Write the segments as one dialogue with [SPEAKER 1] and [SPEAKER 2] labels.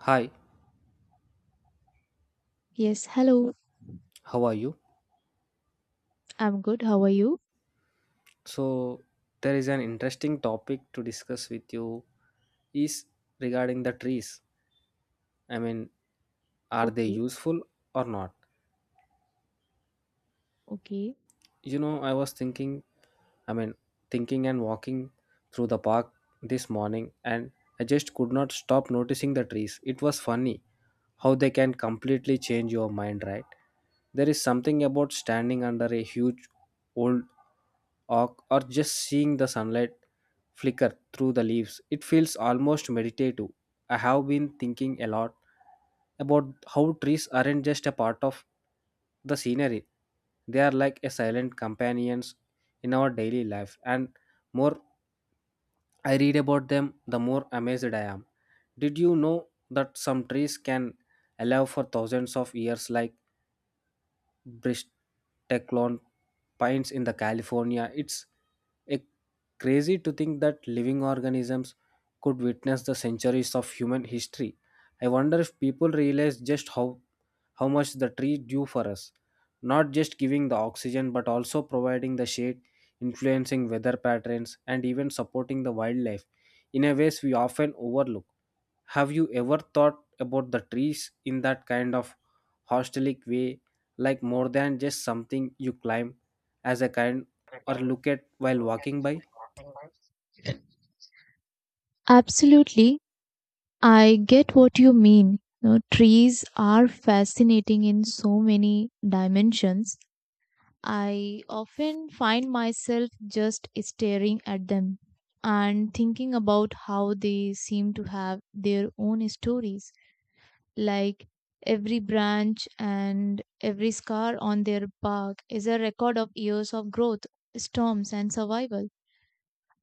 [SPEAKER 1] Hi,
[SPEAKER 2] Yes, hello.
[SPEAKER 1] how are you?
[SPEAKER 2] I'm good. How are you?
[SPEAKER 1] So, there is an interesting topic to discuss with you is regarding the trees. I mean, are they
[SPEAKER 2] Okay,
[SPEAKER 1] useful or not?
[SPEAKER 2] okay.
[SPEAKER 1] You know, I was thinking, I mean, thinking and walking through the park this morning and I just could not stop noticing the trees. It was funny how they can completely change your mind, right? There is something about standing under a huge old or just seeing the sunlight flicker through the leaves. It feels almost meditative. I have been thinking a lot about how trees aren't just a part of the scenery, they are like a silent companions in our daily life. And more I read about them, the more amazed I am. Did you know that some trees can allow for thousands of years, like bristlecone pines in the California. It's a crazy to think that living organisms could witness the centuries of human history. I wonder if people realize just how much the tree do for us, not just giving the oxygen but also providing the shade, influencing weather patterns and even supporting the wildlife in a ways we often overlook. Have you ever thought about the trees in that kind of holistic way, like more than just something you climb as a kind or look at while walking by?
[SPEAKER 2] Absolutely. I get what you mean. You know, trees are fascinating in so many dimensions. I often find myself just staring at them and thinking about how they seem to have their own stories, like every branch and every scar on their bark is a record of years of growth, storms, and survival.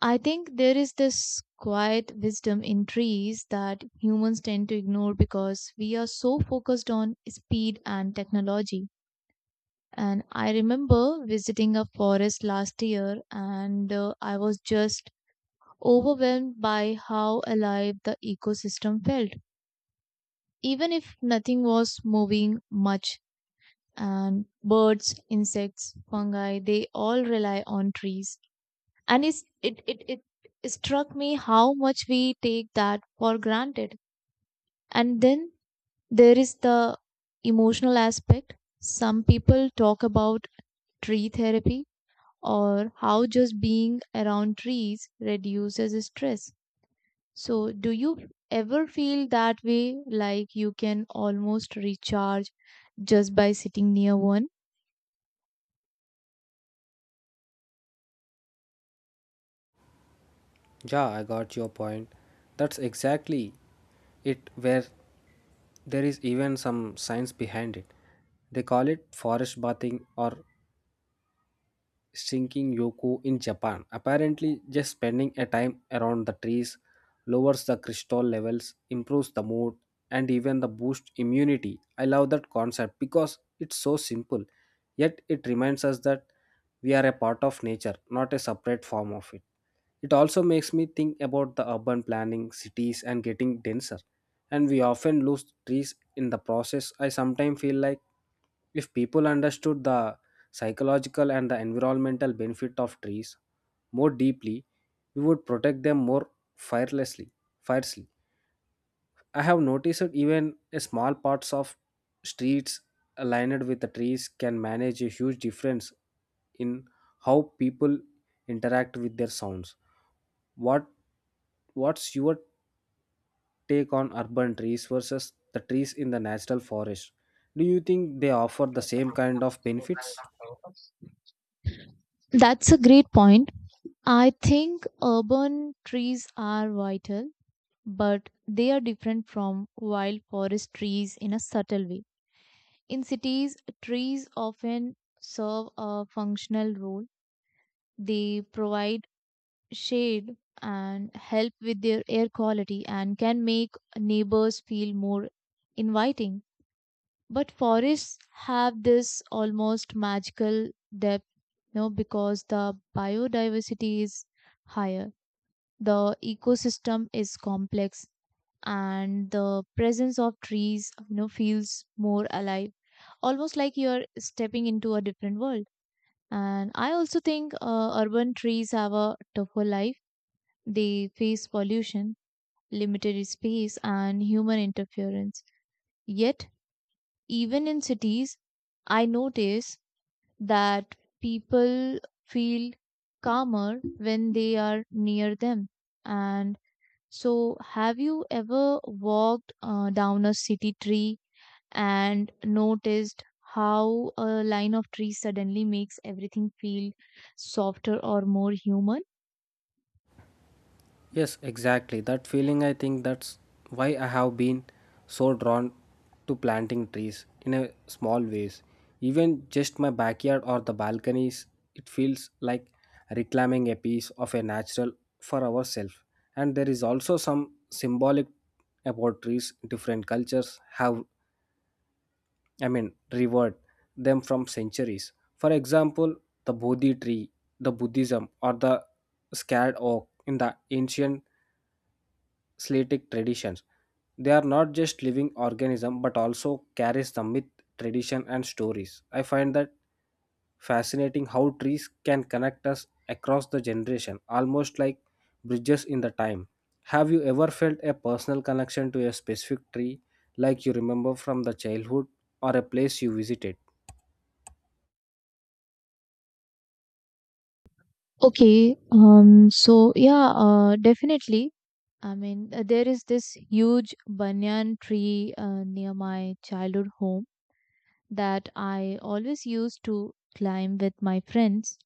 [SPEAKER 2] I think there is this quiet wisdom in trees that humans tend to ignore because we are so focused on speed and technology. And I remember visiting a forest last year and I was just overwhelmed by how alive the ecosystem felt. Even if nothing was moving much, and birds, insects, fungi, they all rely on trees. And it's, it struck me how much we take that for granted. And then there is the emotional aspect. Some people talk about tree therapy or how just being around trees reduces stress. So do you ever feel that way, like you can almost recharge just by sitting near one?
[SPEAKER 1] Yeah, I got your point. That's exactly it, where there is even some science behind it. They call it forest bathing or sinking Yoku in Japan. Apparently, just spending a time around the trees lowers the crystal levels, improves the mood, and even the boost immunity. I love that concept because it's so simple, yet it reminds us that we are a part of nature, not a separate form of it. It also makes me think about the urban planning, cities, and getting denser. And we often lose trees in the process. I sometimes feel like if people understood the psychological and the environmental benefit of trees more deeply, we would protect them more fearlessly. Fiercely. I have noticed that even a small parts of streets aligned with the trees can manage a huge difference in how people interact with their sounds. What what's your take on urban trees versus the trees in the natural forest? Do you think they offer the same kind of benefits?
[SPEAKER 2] That's a great point. I think urban trees are vital, but they are different from wild forest trees in a subtle way. In cities, trees often serve a functional role. They provide shade and help with their air quality and can make neighbors feel more inviting. But forests have this almost magical depth, you know, because the biodiversity is higher. The ecosystem is complex and the presence of trees, you know, feels more alive, almost like you're stepping into a different world. And I also think urban trees have a tougher life. They face pollution, limited space and human interference. Yet even in cities, I notice that people feel calmer when they are near them. And so have you ever walked down a city tree and noticed how a line of trees suddenly makes everything feel softer or more human?
[SPEAKER 1] Yes, exactly. That feeling, I think that's why I have been so drawn to planting trees in a small ways. Even just my backyard or the balconies, it feels like reclaiming a piece of a natural for ourselves. And there is also some symbolic about trees different cultures have, I mean, revered them from centuries. For example, the Bodhi tree, the Buddhism, or the scared oak in the ancient Slatic traditions. They are not just living organism but also carries the myth, tradition and stories. I find that fascinating how trees can connect us across the generation, almost like bridges in the time. Have you ever felt a personal connection to a specific tree like you remember from the childhood or a place you visited?
[SPEAKER 2] Okay, so yeah, definitely. I mean, there is this huge banyan tree near my childhood home that I always used to climb with my friends.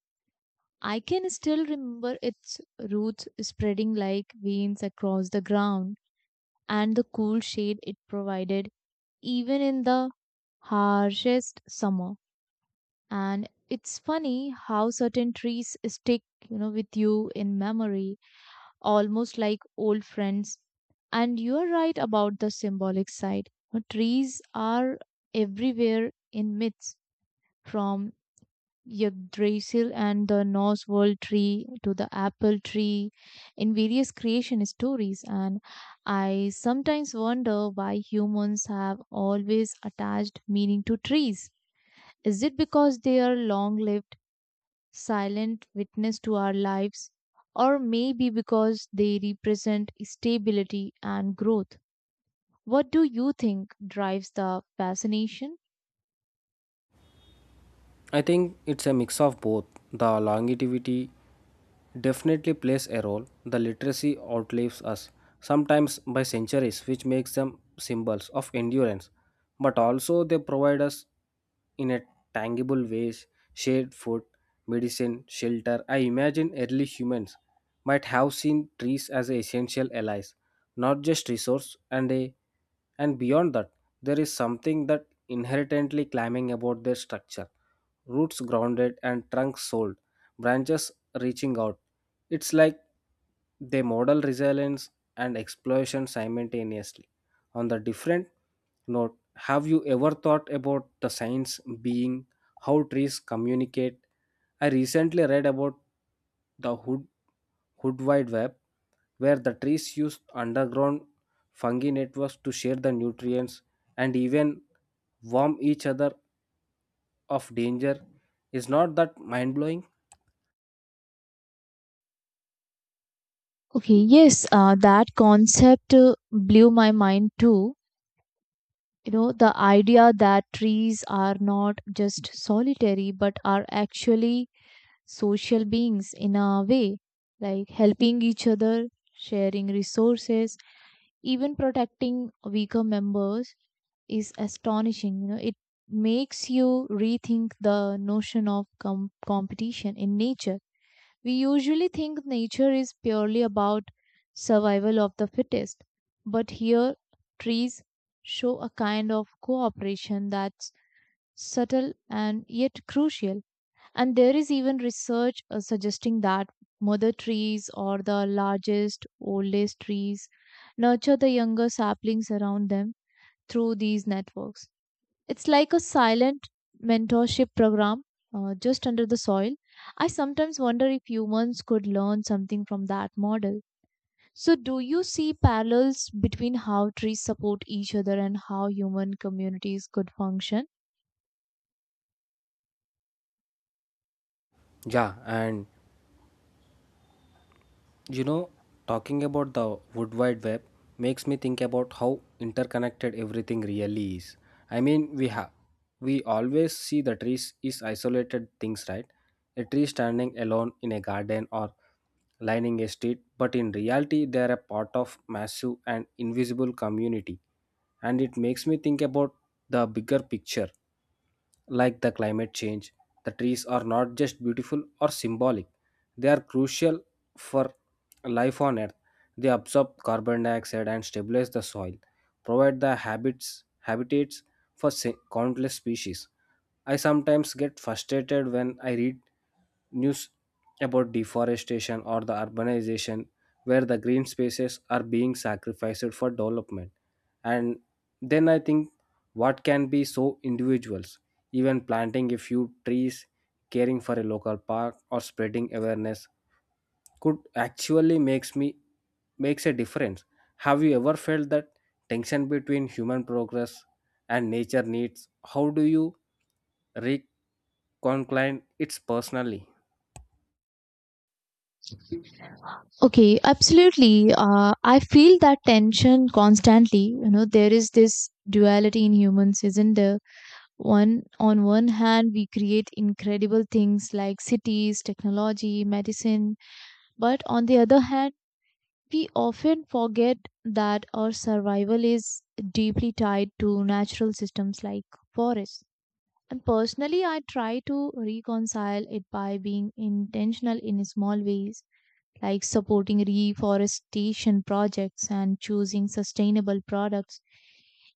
[SPEAKER 2] I can still remember its roots spreading like veins across the ground and the cool shade it provided even in the harshest summer. And it's funny how certain trees stick, you know, with you in memory, almost like old friends. And you're right about the symbolic side. You Trees are everywhere in myths, from Yggdrasil and the Norse world tree to the apple tree in various creation stories. And I sometimes wonder why humans have always attached meaning to trees. Is it because they are long lived, silent witness to our lives? Or maybe because they represent stability and growth? What do you think drives the fascination?
[SPEAKER 1] I think it's a mix of both. The longevity definitely plays a role. The literacy outlives us, sometimes by centuries, which makes them symbols of endurance. But also, they provide us in a tangible ways shade, food, medicine, shelter. I imagine early humans might have seen trees as essential allies, not just resource, and a and beyond that, there is something that inherently climbing about their structure roots grounded and trunks sold, branches reaching out. It's like they model resilience and exploration simultaneously. On the different note, have you ever thought about the science being how trees communicate? I recently read about the hood wide web, where the trees use underground fungi networks to share the nutrients and even warm each other of danger is not that mind blowing.
[SPEAKER 2] Okay, yes, that concept blew my mind too. You know, the idea that trees are not just solitary but are actually social beings in a way, like helping each other, sharing resources, even protecting weaker members is astonishing. You know, it makes you rethink the notion of competition in nature. We usually think nature is purely about survival of the fittest, but here trees show a kind of cooperation that's subtle and yet crucial. And there is even research suggesting that mother trees or the largest, oldest trees nurture the younger saplings around them through these networks. It's like a silent mentorship program, just under the soil. I sometimes wonder if humans could learn something from that model. So, do you see parallels between how trees support each other and how human communities could function?
[SPEAKER 1] Yeah, and you know, talking about the Wood Wide Web makes me think about how interconnected everything really is. I mean, we always see the trees is isolated things, right? A tree standing alone in a garden or lining a street, but in reality, they are a part of massive and invisible community. And it makes me think about the bigger picture like the climate change, the trees are not just beautiful or symbolic, they are crucial for life on earth. They absorb carbon dioxide and stabilize the soil, provide the habits habitats for countless species. I sometimes get frustrated when I read news about deforestation or the urbanization where the green spaces are being sacrificed for development and then I think what can be so individuals, even planting a few trees, caring for a local park or spreading awareness could actually makes a difference. Have you ever felt that tension between human progress and nature needs? How do you reconcile it personally?
[SPEAKER 2] Okay, absolutely. I feel that tension constantly. You know, there is this duality in humans, isn't there? One on one hand, we create incredible things like cities, technology, medicine, but on the other hand, we often forget that our survival is deeply tied to natural systems like forests. And personally, I try to reconcile it by being intentional in small ways, like supporting reforestation projects and choosing sustainable products,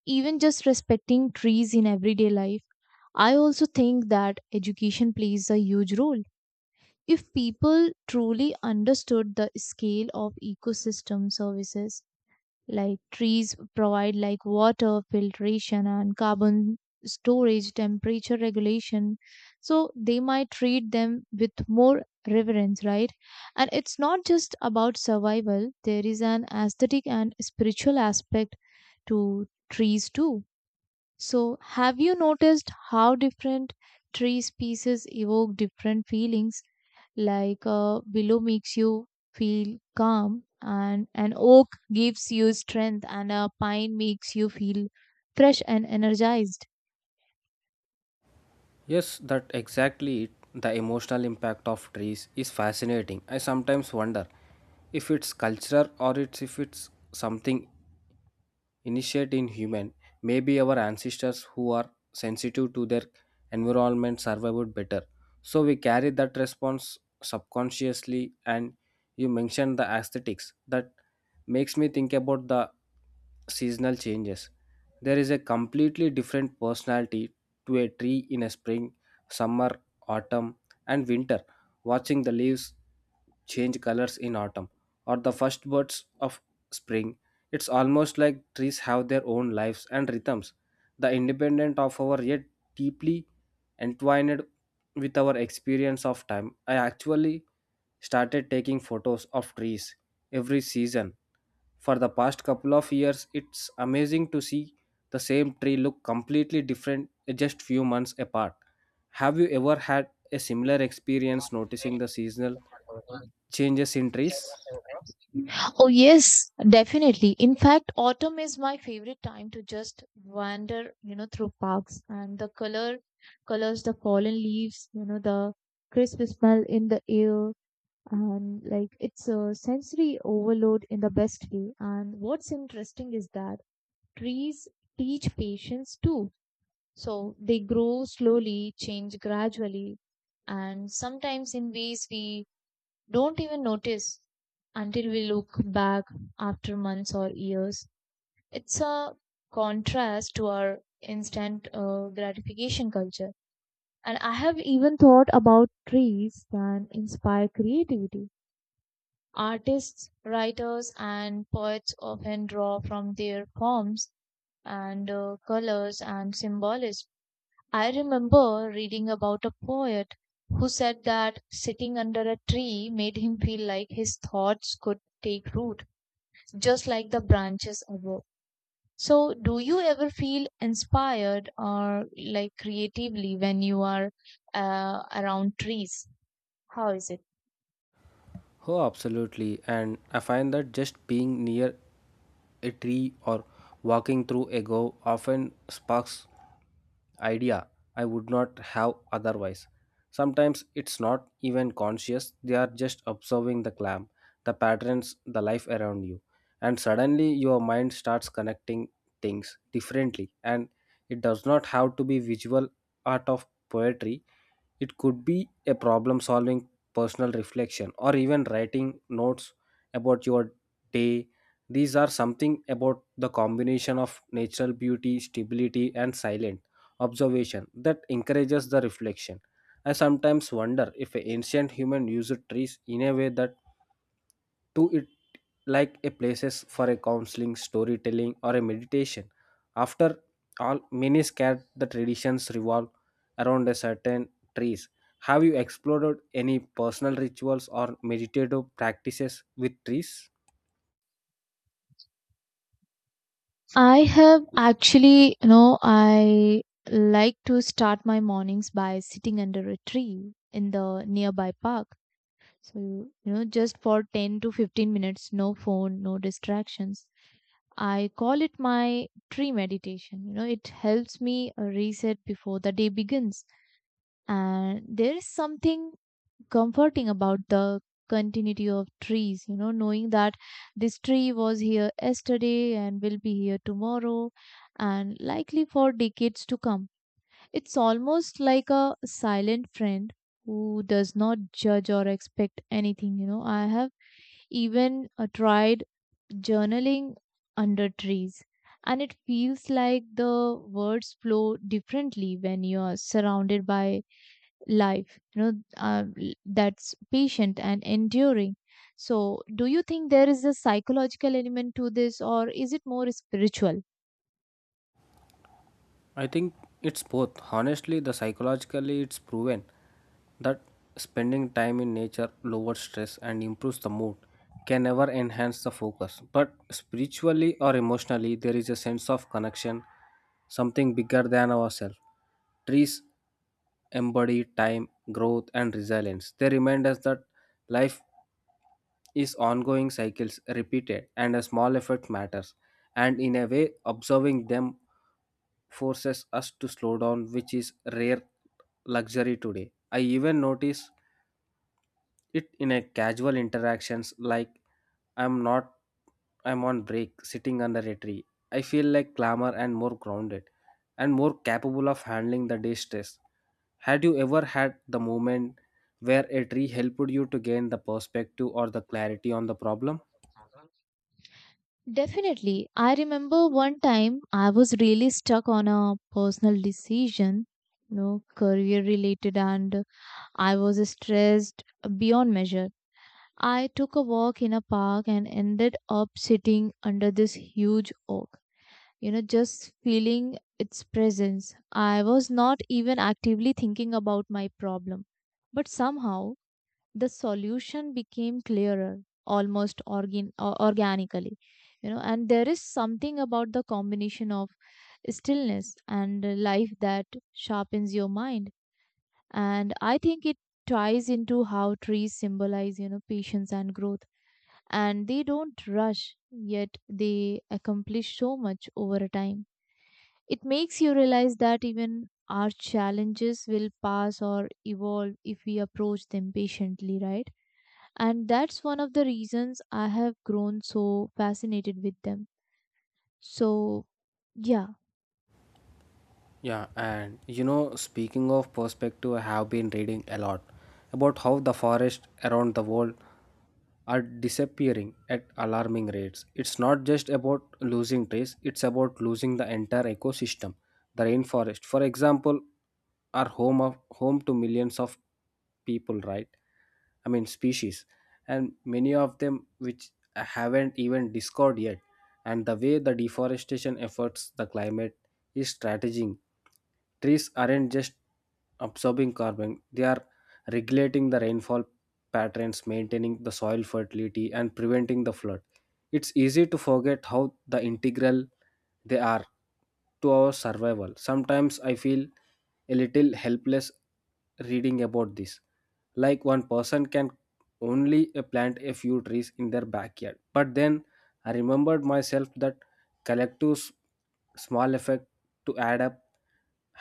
[SPEAKER 2] even just respecting trees in everyday life. I also think that education plays a huge role. If people truly understood the scale of ecosystem services, like trees provide, like water filtration and carbon storage, temperature regulation, so they might treat them with more reverence, right? And it's not just about survival. There is an aesthetic and spiritual aspect to trees too. So have you noticed how different tree species evoke different feelings, like a willow makes you feel calm and an oak gives you strength and a pine makes you feel fresh and energized?
[SPEAKER 1] Yes, that exactly it. The emotional impact of trees is fascinating. I sometimes wonder if it's culture or it's if it's something initiate in human maybe our ancestors who are sensitive to their environment survived better so we carry that response subconsciously and you mentioned the aesthetics that makes me think about the seasonal changes there is a completely different personality to a tree in a spring summer autumn and winter watching the leaves change colors in autumn or the first birds of spring it's almost like trees have their own lives and rhythms, the independent of our yet deeply entwined with our experience of time. I actually started taking photos of trees every season. For the past couple of years, it's amazing to see the same tree look completely different just few months apart. Have you ever had a similar experience noticing the seasonal changes in trees?
[SPEAKER 2] Oh yes, definitely. In fact, autumn is my favorite time to just wander, you know, through parks and the colors, the fallen leaves, you know, the crisp smell in the air, and like it's a sensory overload in the best way. And what's interesting is that trees teach patience too. So they grow slowly, change gradually, and sometimes in ways we don't even notice until we look back after months or years. It's a contrast to our instant gratification culture. And I have even thought about trees that inspire creativity. Artists, writers, and poets often draw from their forms and colors and symbolism. I remember reading about a poet who said that sitting under a tree made him feel like his thoughts could take root, just like the branches above. So, do you ever feel inspired or like creatively when you are around trees? How is it?
[SPEAKER 1] Oh, absolutely. And I find that just being near a tree or walking through a go often sparks idea I would not have otherwise. Sometimes it's not even conscious, they are just observing the clam, the patterns, the life around you. And suddenly your mind starts connecting things differently. And it does not have to be visual art of poetry, it could be a problem solving personal reflection, or even writing notes about your day. These are something about the combination of natural beauty, stability, and silent observation that encourages the reflection. I sometimes wonder if ancient humans used trees in a way that to it like a places for a counseling storytelling or a meditation after all many scared the traditions revolve around a certain trees have you explored any personal rituals or meditative practices with trees
[SPEAKER 2] I have actually. You know, I like to start my mornings by sitting under a tree in the nearby park. So, you know, just for 10 to 15 minutes, no phone, no distractions. I call it my tree meditation. You know, it helps me reset before the day begins. And there is something comforting about the continuity of trees, you know, knowing that this tree was here yesterday and will be here tomorrow and likely for decades to come. It's almost like a silent friend who does not judge or expect anything. You know, I have even tried journaling under trees. And it feels like the words flow differently when you are surrounded by life, you know, that's patient and enduring. So, do you think there is a psychological element to this, or is it more spiritual?
[SPEAKER 1] I think it's both. Honestly, the psychologically it's proven that spending time in nature lowers stress and improves the mood, can never enhance the focus. But spiritually or emotionally, there is a sense of connection, something bigger than ourselves. Trees embody time, growth, and resilience. They remind us that life is ongoing cycles repeated and a small effort matters. And in a way, observing them forces us to slow down, which is rare luxury today. I even notice it in a casual interactions like I'm not I'm on break sitting under a tree. I feel like calmer and more grounded and more capable of handling the day stress. Had you ever had the moment where a tree helped you to gain the perspective or the clarity on the problem?
[SPEAKER 2] Definitely. I remember one time I was really stuck on a personal decision, you know, career related, and I was stressed beyond measure. I took a walk in a park and ended up sitting under this huge oak, you know, just feeling its presence. I was not even actively thinking about my problem, but somehow the solution became clearer, almost organically. You know, and there is something about the combination of stillness and life that sharpens your mind. And I think it ties into how trees symbolize, you know, patience and growth, and they don't rush, yet they accomplish so much over a time. It makes you realize that even our challenges will pass or evolve if we approach them patiently, right? And that's one of the reasons I have grown so fascinated with them. So, yeah.
[SPEAKER 1] Yeah, and you know, speaking of perspective, I have been reading a lot about how the forests around the world are disappearing at alarming rates. It's not just about losing trees, it's about losing the entire ecosystem. The rainforest, for example, are home to millions of people, right? I mean species. And many of them which haven't even discovered yet. And the way the deforestation affects the climate is strategic. Trees aren't just absorbing carbon, they are regulating the rainfall patterns, maintaining the soil fertility, and preventing the flood. It's easy to forget how the integral they are to our survival. Sometimes I feel a little helpless reading about this. Like one person can only plant a few trees in their backyard. But then I remembered myself that collective small effect to add up.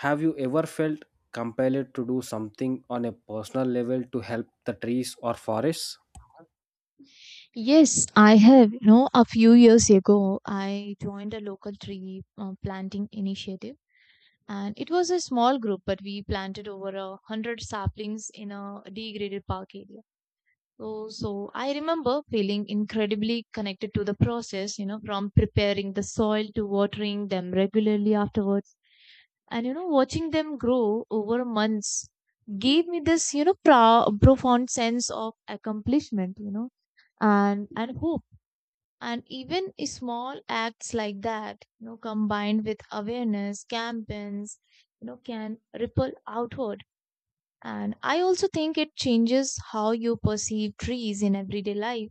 [SPEAKER 1] Have you ever felt compelled to do something on a personal level to help the trees or forests?
[SPEAKER 2] Yes, I have. You know, a few years ago, I joined a local tree planting initiative, and it was a small group, but we planted over a hundred saplings in a degraded park area. So, I remember feeling incredibly connected to the process. You know, from preparing the soil to watering them regularly afterwards, and you know, watching them grow over months gave me this, you know, profound sense of accomplishment. You know, and hope. And even small acts like that, you know, combined with awareness campaigns, you know, can ripple outward. And I also think it changes how you perceive trees in everyday life.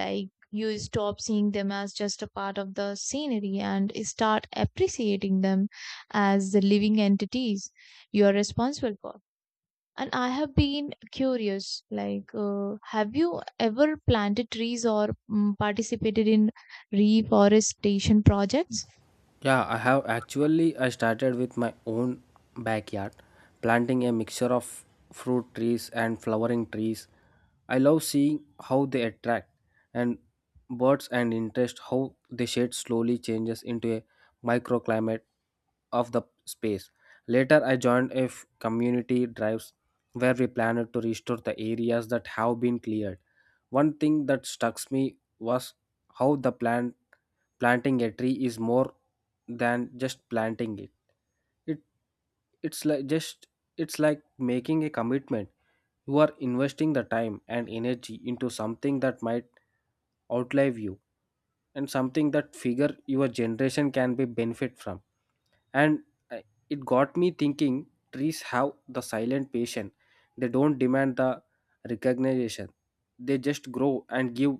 [SPEAKER 2] Like you stop seeing them as just a part of the scenery and start appreciating them as the living entities you are responsible for. And I have been curious, like, have you ever planted trees or participated in reforestation projects?
[SPEAKER 1] Yeah, I have actually I started with my own backyard, planting a mixture of fruit trees and flowering trees. I love seeing how they attract and birds and interest how the shade slowly changes into a microclimate of the space. Later I joined a community drives where we planned to restore the areas that have been cleared. One thing that struck me was how the planting a tree is more than just planting it. It it's like just it's like making a commitment. You are investing the time and energy into something that might outlive you and something that figure your generation can be benefit from and uh, it got me thinking trees have the silent patient they don't demand the recognition they just grow and give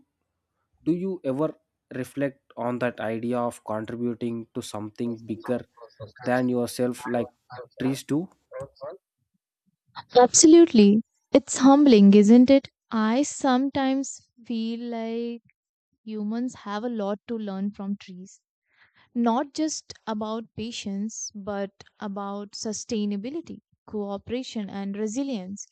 [SPEAKER 1] do you ever reflect on that idea of contributing to something bigger than yourself like trees do
[SPEAKER 2] Absolutely. It's humbling, isn't it? I sometimes feel like humans have a lot to learn from trees, not just about patience, but about sustainability, cooperation, and resilience.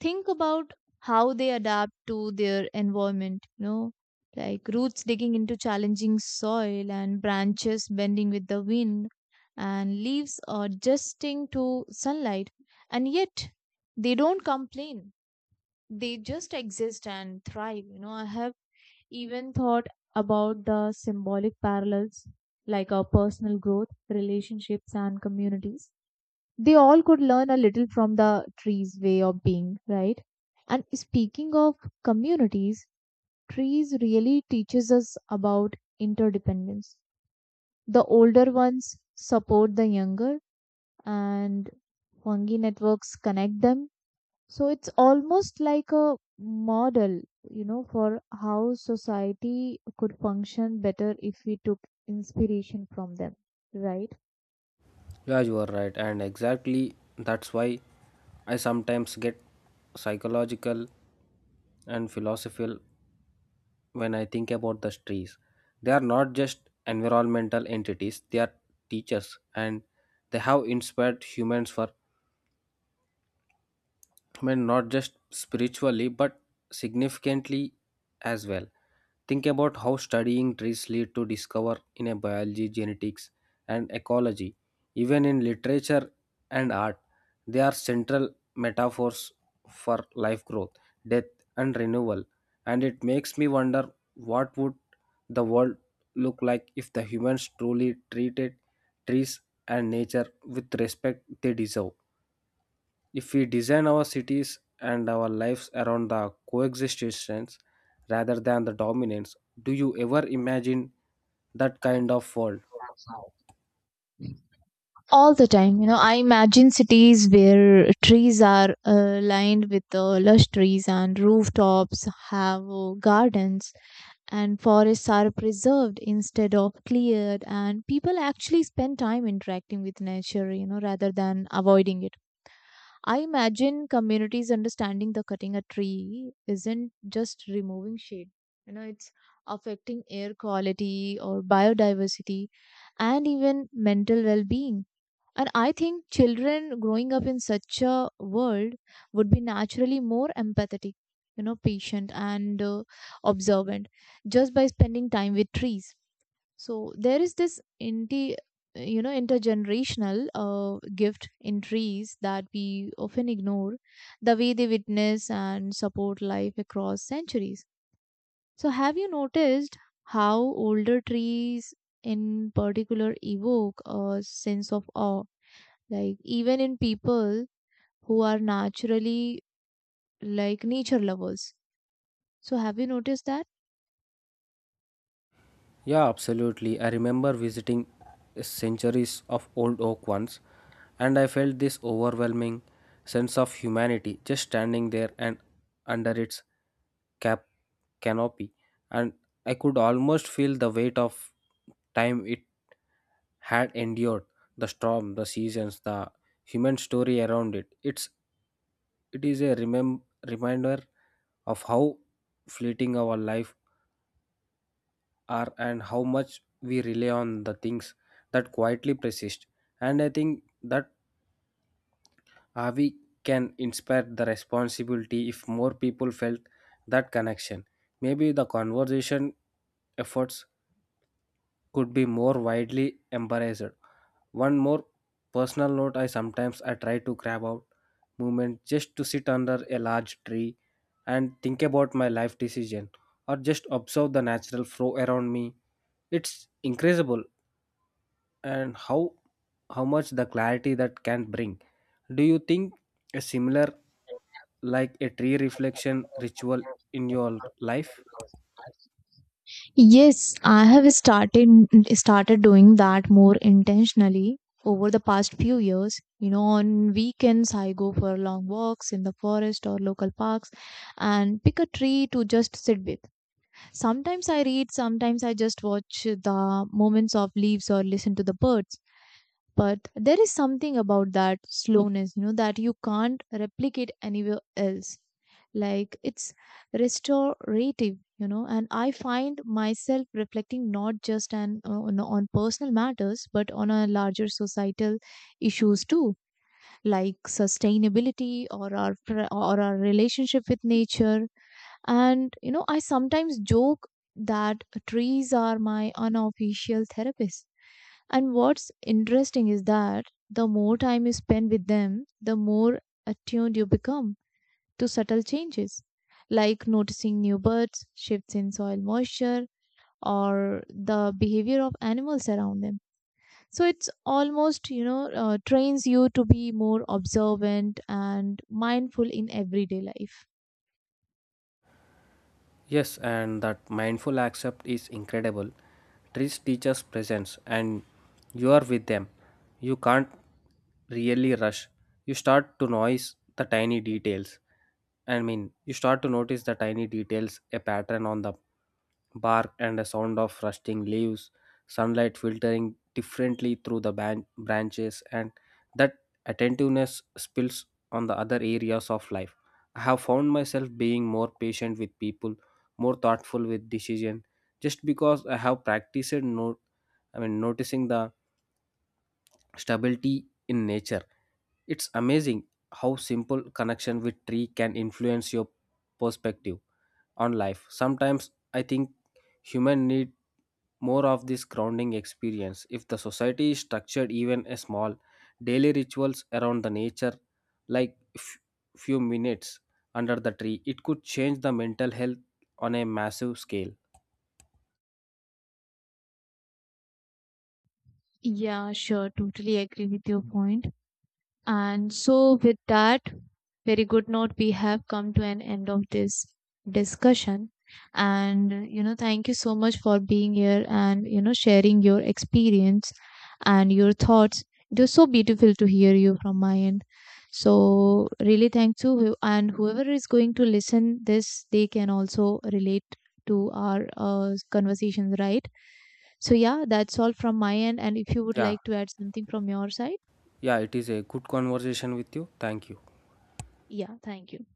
[SPEAKER 2] Think about how they adapt to their environment, you know, like roots digging into challenging soil and branches bending with the wind and leaves adjusting to sunlight. And yet they don't complain. They just exist and thrive. You know, I have even thought about the symbolic parallels, like our personal growth, relationships, and communities, they all could learn a little from the tree's way of being, right? And speaking of communities, trees really teaches us about interdependence. The older ones support the younger and fungi networks connect them. So it's almost like a model, you know, for how society could function better if we took inspiration from them, right?
[SPEAKER 1] yeah you are right and exactly that's why I sometimes get psychological and philosophical when I think about the trees, they are not just environmental entities, they are teachers and they have inspired humans for I mean, not just spiritually, but significantly as well. Think about how studying trees lead to discover in a biology, genetics, and ecology. Even in literature and art, they are central metaphors for life growth, death, and renewal. And it makes me wonder what would the world look like if the humans truly treated trees and nature with respect they deserve. If we design our cities and our lives around the coexistence rather than the dominance, do you ever imagine that kind of world?
[SPEAKER 2] All the time. You know, I imagine cities where trees are lined with lush trees and rooftops have gardens and forests are preserved instead of cleared and people actually spend time interacting with nature, you know, rather than avoiding it. I imagine communities understanding the cutting a tree isn't just removing shade. You know, it's affecting air quality or biodiversity and even mental well-being. And I think children growing up in such a world would be naturally more empathetic, you know, patient and observant just by spending time with trees. So there is this inti you know intergenerational gift in trees that we often ignore, the way they witness and support life across centuries. So have you noticed how older trees in particular evoke a sense of awe, like even in people who are naturally like nature lovers. So have you noticed that?
[SPEAKER 1] Yeah, absolutely. I remember visiting centuries of old oak once, and I felt this overwhelming sense of humanity just standing there and under its cap canopy, and I could almost feel the weight of time it had endured, the storm, the seasons, the human story around it. It is a reminder of how fleeting our life are and how much we rely on the things that quietly persist. And I think that Avi can inspire the responsibility if more people felt that connection. Maybe the conversation efforts could be more widely embraced. One more personal note I sometimes I try to grab out moment just to sit under a large tree and think about my life decision or just observe the natural flow around me. It's incredible and how much the clarity that can bring. Do you think a similar like a tree reflection ritual in your life?
[SPEAKER 2] Yes, I have started doing that more intentionally over the past few years. You know, on weekends I go for long walks in the forest or local parks and pick a tree to just sit with. Sometimes I read, sometimes I just watch the movements of leaves or listen to the birds. But there is something about that slowness, you know, that you can't replicate anywhere else. Like it's restorative. You know, and I find myself reflecting not just on personal matters but on a larger societal issues too, like sustainability or or our relationship with nature. And you know I sometimes joke that trees are my unofficial therapist. And what's interesting is that the more time you spend with them, the more attuned you become to subtle changes, like noticing new birds, shifts in soil moisture, or the behavior of animals around them. So it's almost, you know, trains you to be more observant and mindful in everyday life.
[SPEAKER 1] Yes, and that mindful accept is incredible. Trees teach us presence, and you are with them. You can't really rush. You start to notice the tiny details. I mean, you start to notice the tiny details, a pattern on the bark and the sound of rusting leaves, sunlight filtering differently through the branches, and that attentiveness spills on the other areas of life. I have found myself being more patient with people more thoughtful with decision just because I have practiced no I mean noticing the stability in nature it's amazing how simple connection with tree can influence your perspective on life sometimes I think human need more of this grounding experience if the society is structured even a small daily rituals around the nature like few minutes under the tree it could change the mental health on a massive scale
[SPEAKER 2] Yeah, sure, totally agree with your point. And so, with that very good note, we have come to an end of this discussion. And, you know, thank you so much for being here and, you know, sharing your experience and your thoughts. It was so beautiful to hear you from my end. So, really, thank you. And whoever is going to listen this, they can also relate to our conversations, right? So, yeah, that's all from my end. And if you would
[SPEAKER 1] yeah
[SPEAKER 2] like to add something from your side,
[SPEAKER 1] Yeah, it is a good conversation with you. Thank you.
[SPEAKER 2] yeah, thank you.